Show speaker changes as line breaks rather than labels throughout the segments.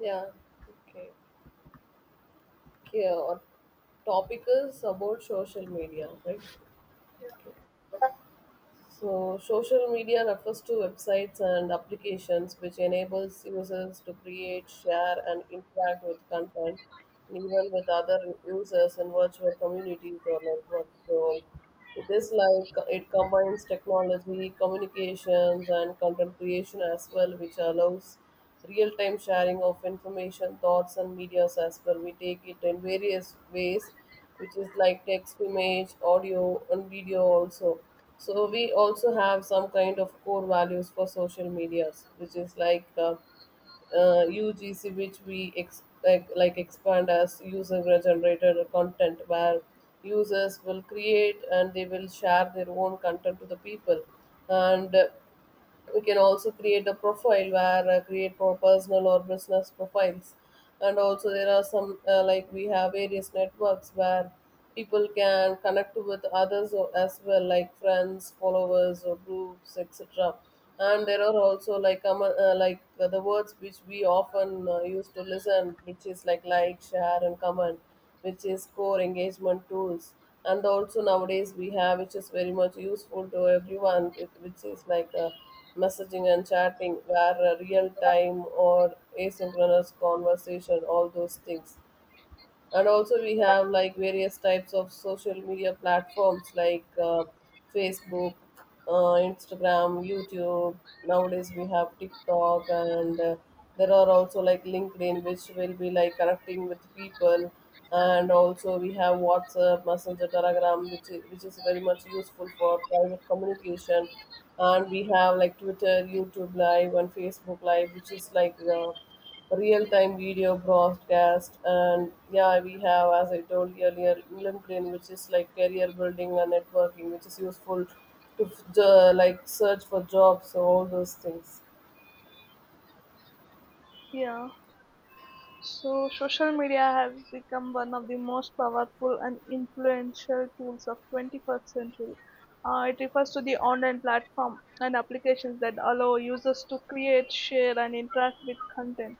Yeah. Okay. Okay. Our topic is about social media, right? Okay. So, social media refers to websites and applications which enables users to create, share, and interact with content, and even with other users in virtual communities or networks. So, this like it combines technology communications and content creation as well, which allows real-time sharing of information thoughts and medias as well, we take it in various ways which is like text image audio and video also. So we also have some kind of core values for social medias which is like UGC, which we expect like expand as user generated content, where users will create and they will share their own content to the people. And we can also create a profile where create for personal or business profiles. And also there are some like we have various networks where people can connect with others as well like friends followers or groups etc. And there are also like the words which we often use to listen which is like share and comment, which is core engagement tools. And also nowadays we have which is very much useful to everyone which is like a messaging and chatting were real time or asynchronous conversation, all those things. And also we have like various types of social media platforms like Facebook, Instagram, YouTube. Nowadays we have TikTok and there are also like LinkedIn which will be like connecting with people. And also we have WhatsApp, Messenger, Telegram, which is very much useful for private communication. And we have like Twitter, YouTube Live, and Facebook Live, which is like real time video broadcast. And yeah, we have, as I told earlier, LinkedIn, which is like career building and networking which is useful to like search for jobs, so all those things.
Yeah. So social media has become one of the most powerful and influential tools of 21st century. It refers to the online platform and applications that allow users to create, share, and interact with content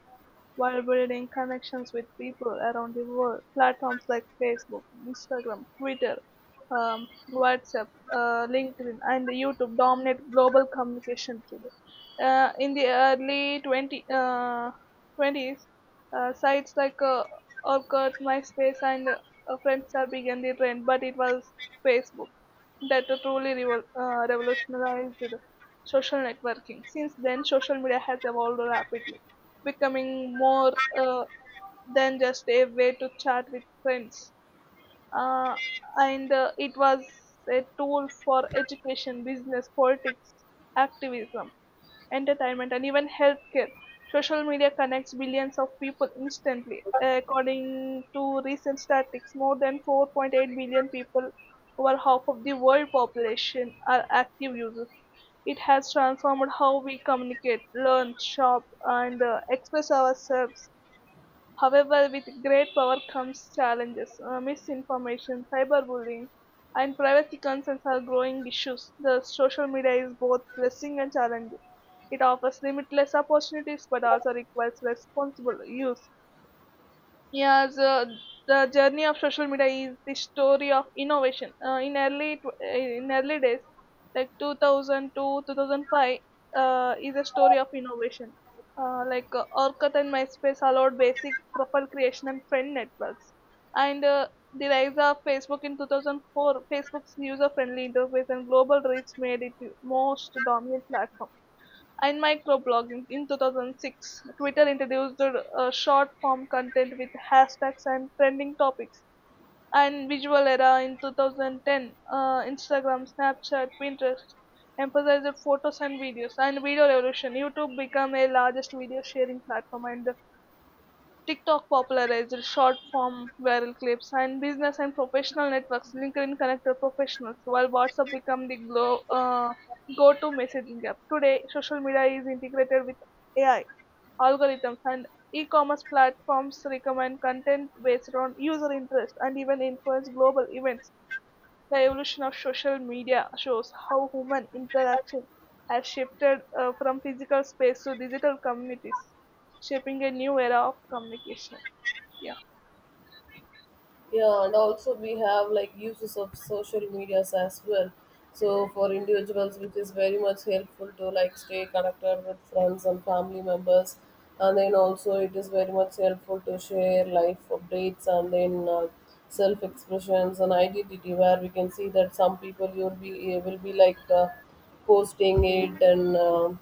while building connections with people around the world. Platforms like Facebook, Instagram, Twitter, um, WhatsApp, LinkedIn, and YouTube dominate global communication today. In the early 20, 20s, sites like Orkut, MySpace, and Friendster began the trend, but it was Facebook that truly revolutionized social networking. Since then, social media has evolved rapidly becoming more than just a way to chat with friends. Uh, and it was a tool for education, business, politics, activism, entertainment, and even healthcare. Social media connects billions of people instantly. According to recent statistics, more than 4.8 billion people, over half of the world population, are active users. It has transformed how we communicate, learn, shop, and express ourselves. However, with great power comes challenges. Misinformation, cyberbullying, and privacy concerns are growing issues. The social media is both blessing and challenge. It offers limitless opportunities but also requires responsible use. Yeah, so the journey of social media is the story of innovation. In early days, like 2002, 2005, is a story of innovation. Orkut and MySpace allowed basic profile creation and friend networks, and the rise of Facebook in 2004, Facebook's user-friendly interface and global reach made it the most dominant platform. In microblogging in 2006, Twitter introduced short form content with hashtags and trending topics. And visual era in 2010, Instagram, Snapchat, Pinterest emphasized photos and videos. And video revolution, YouTube became a largest video sharing platform. And TikTok popularized short-form viral clips, and business and professional networks LinkedIn connected professionals, while WhatsApp became the go-to messaging app. Today, social media is integrated with AI algorithms, and e-commerce platforms recommend content based on user interest and even influence global events. The evolution of social media shows how human interaction has shifted from physical space to digital communities shaping a new era of communication. Yeah.
Yeah, and also we have like uses of social medias as well. So for individuals, which is very much helpful to like stay connected with friends and family members, and then also it is very much helpful to share life updates, and then self expressions and identity, where we can see that some people you'll be will be like posting it and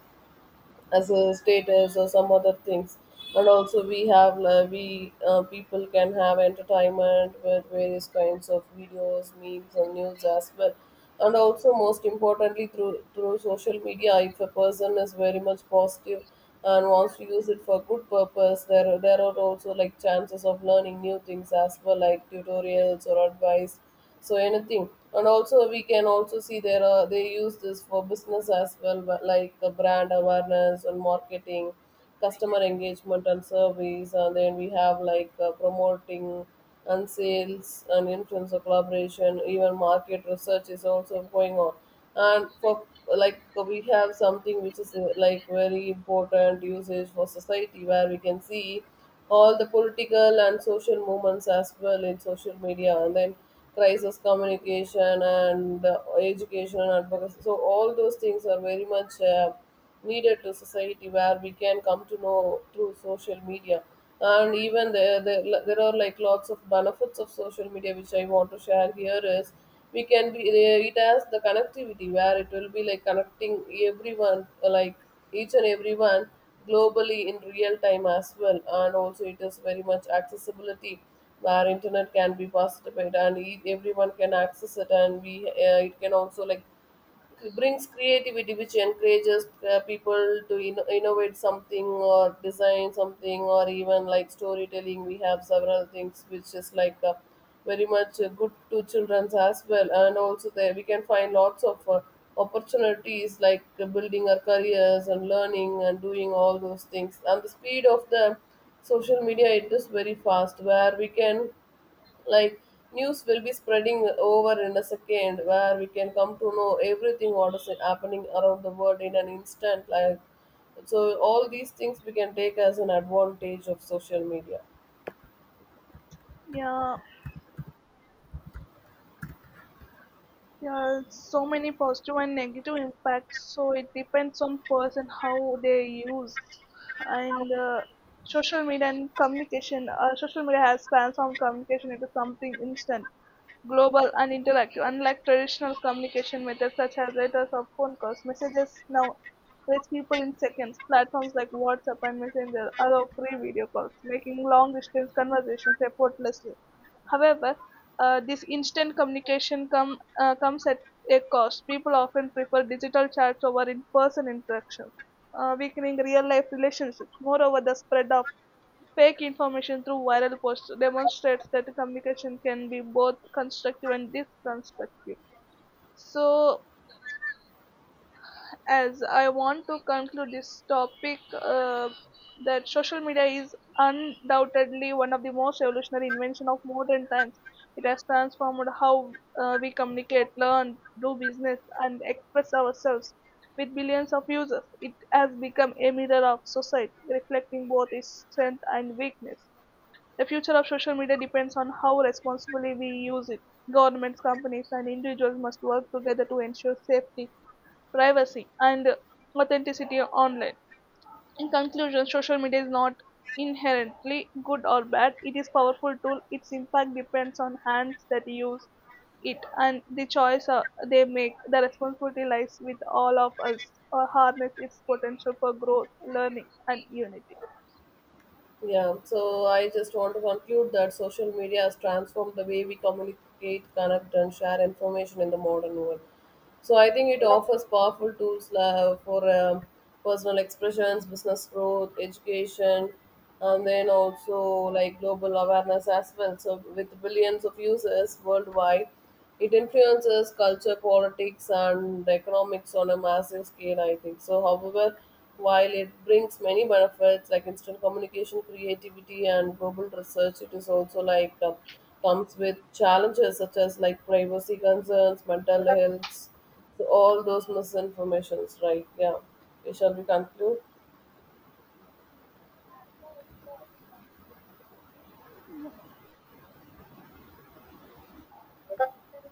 as a status or some other things. And also we have we people can have entertainment with various kinds of videos memes and news as well. And also most importantly through social media, if a person is very much positive and wants to use it for good purpose, there are also like chances of learning new things as well like tutorials or advice, so anything. And also we can also see there are they use this for business as well but like brand awareness and marketing, customer engagement and service, and then we have like promoting and sales and influencer collaboration, even market research is also going on. And for like we have something which is like very important usage for society where we can see all the political and social movements as well in social media, and then crisis communication and education and advocacy, so all those things are very much needed to society, where we can come to know through social media. And even there are like lots of benefits of social media which I want to share here is we can be it has the connectivity where it will be like connecting everyone, like each and everyone, globally in real time as well. And also it is very much accessibility where internet can be participated and everyone can access it, and we it can also like it brings creativity which encourages people to innovate something or design something, or even like storytelling. We have several things which is like very much good to children's as well, and also there we can find lots of opportunities like building our careers and learning and doing all those things. And the speed of the social media, it is very fast, where we can, like, news will be spreading over in a second, where we can come to know everything what is happening around the world in an instant like, so all these things we can take as an advantage of social media.
Yeah, there are so many positive and negative impacts, so it depends on person how they use. And social media and communication, social media has transformed communication into something instant, global, and interactive. Unlike traditional communication methods such as letters or phone calls, messages now reach people in seconds. Platforms like WhatsApp and Messenger allow free video calls, making long distance conversations effortless. However, this instant comes at a cost. People often prefer digital chats over in person interactions, weakening real life relationships. Moreover, the spread of fake information through viral posts demonstrates that communication can be both constructive and destructive. So, as I want to conclude this topic, that social media is undoubtedly one of the most revolutionary invention of modern times. It has transformed how we communicate, learn, do business, and express ourselves. With billions of users, it has become a mirror of society, reflecting both its strength and weakness. The future of social media depends on how responsibly we use it. Governments, companies, and individuals must work together to ensure safety, privacy, and authenticity online. In conclusion, social media is not inherently good or bad. It is powerful tool. Its impact depends on hands that use it and the choice they make. The responsibility lies with all of us to harness its potential for growth, learning, and unity.
Yeah, so I just want to conclude that social media has transformed the way we communicate, connect, and share information in the modern world. So I think it offers powerful tools for personal expressions, business growth, education, and then also like global awareness as well. So with billions of users worldwide, it influences culture, politics, and economics on a massive scale, I think. So, however, while it brings many benefits like instant communication, creativity, and global research, it is also like comes with challenges such as like privacy concerns, mental health, so all those misinformations, right? Yeah. Okay, shall we conclude?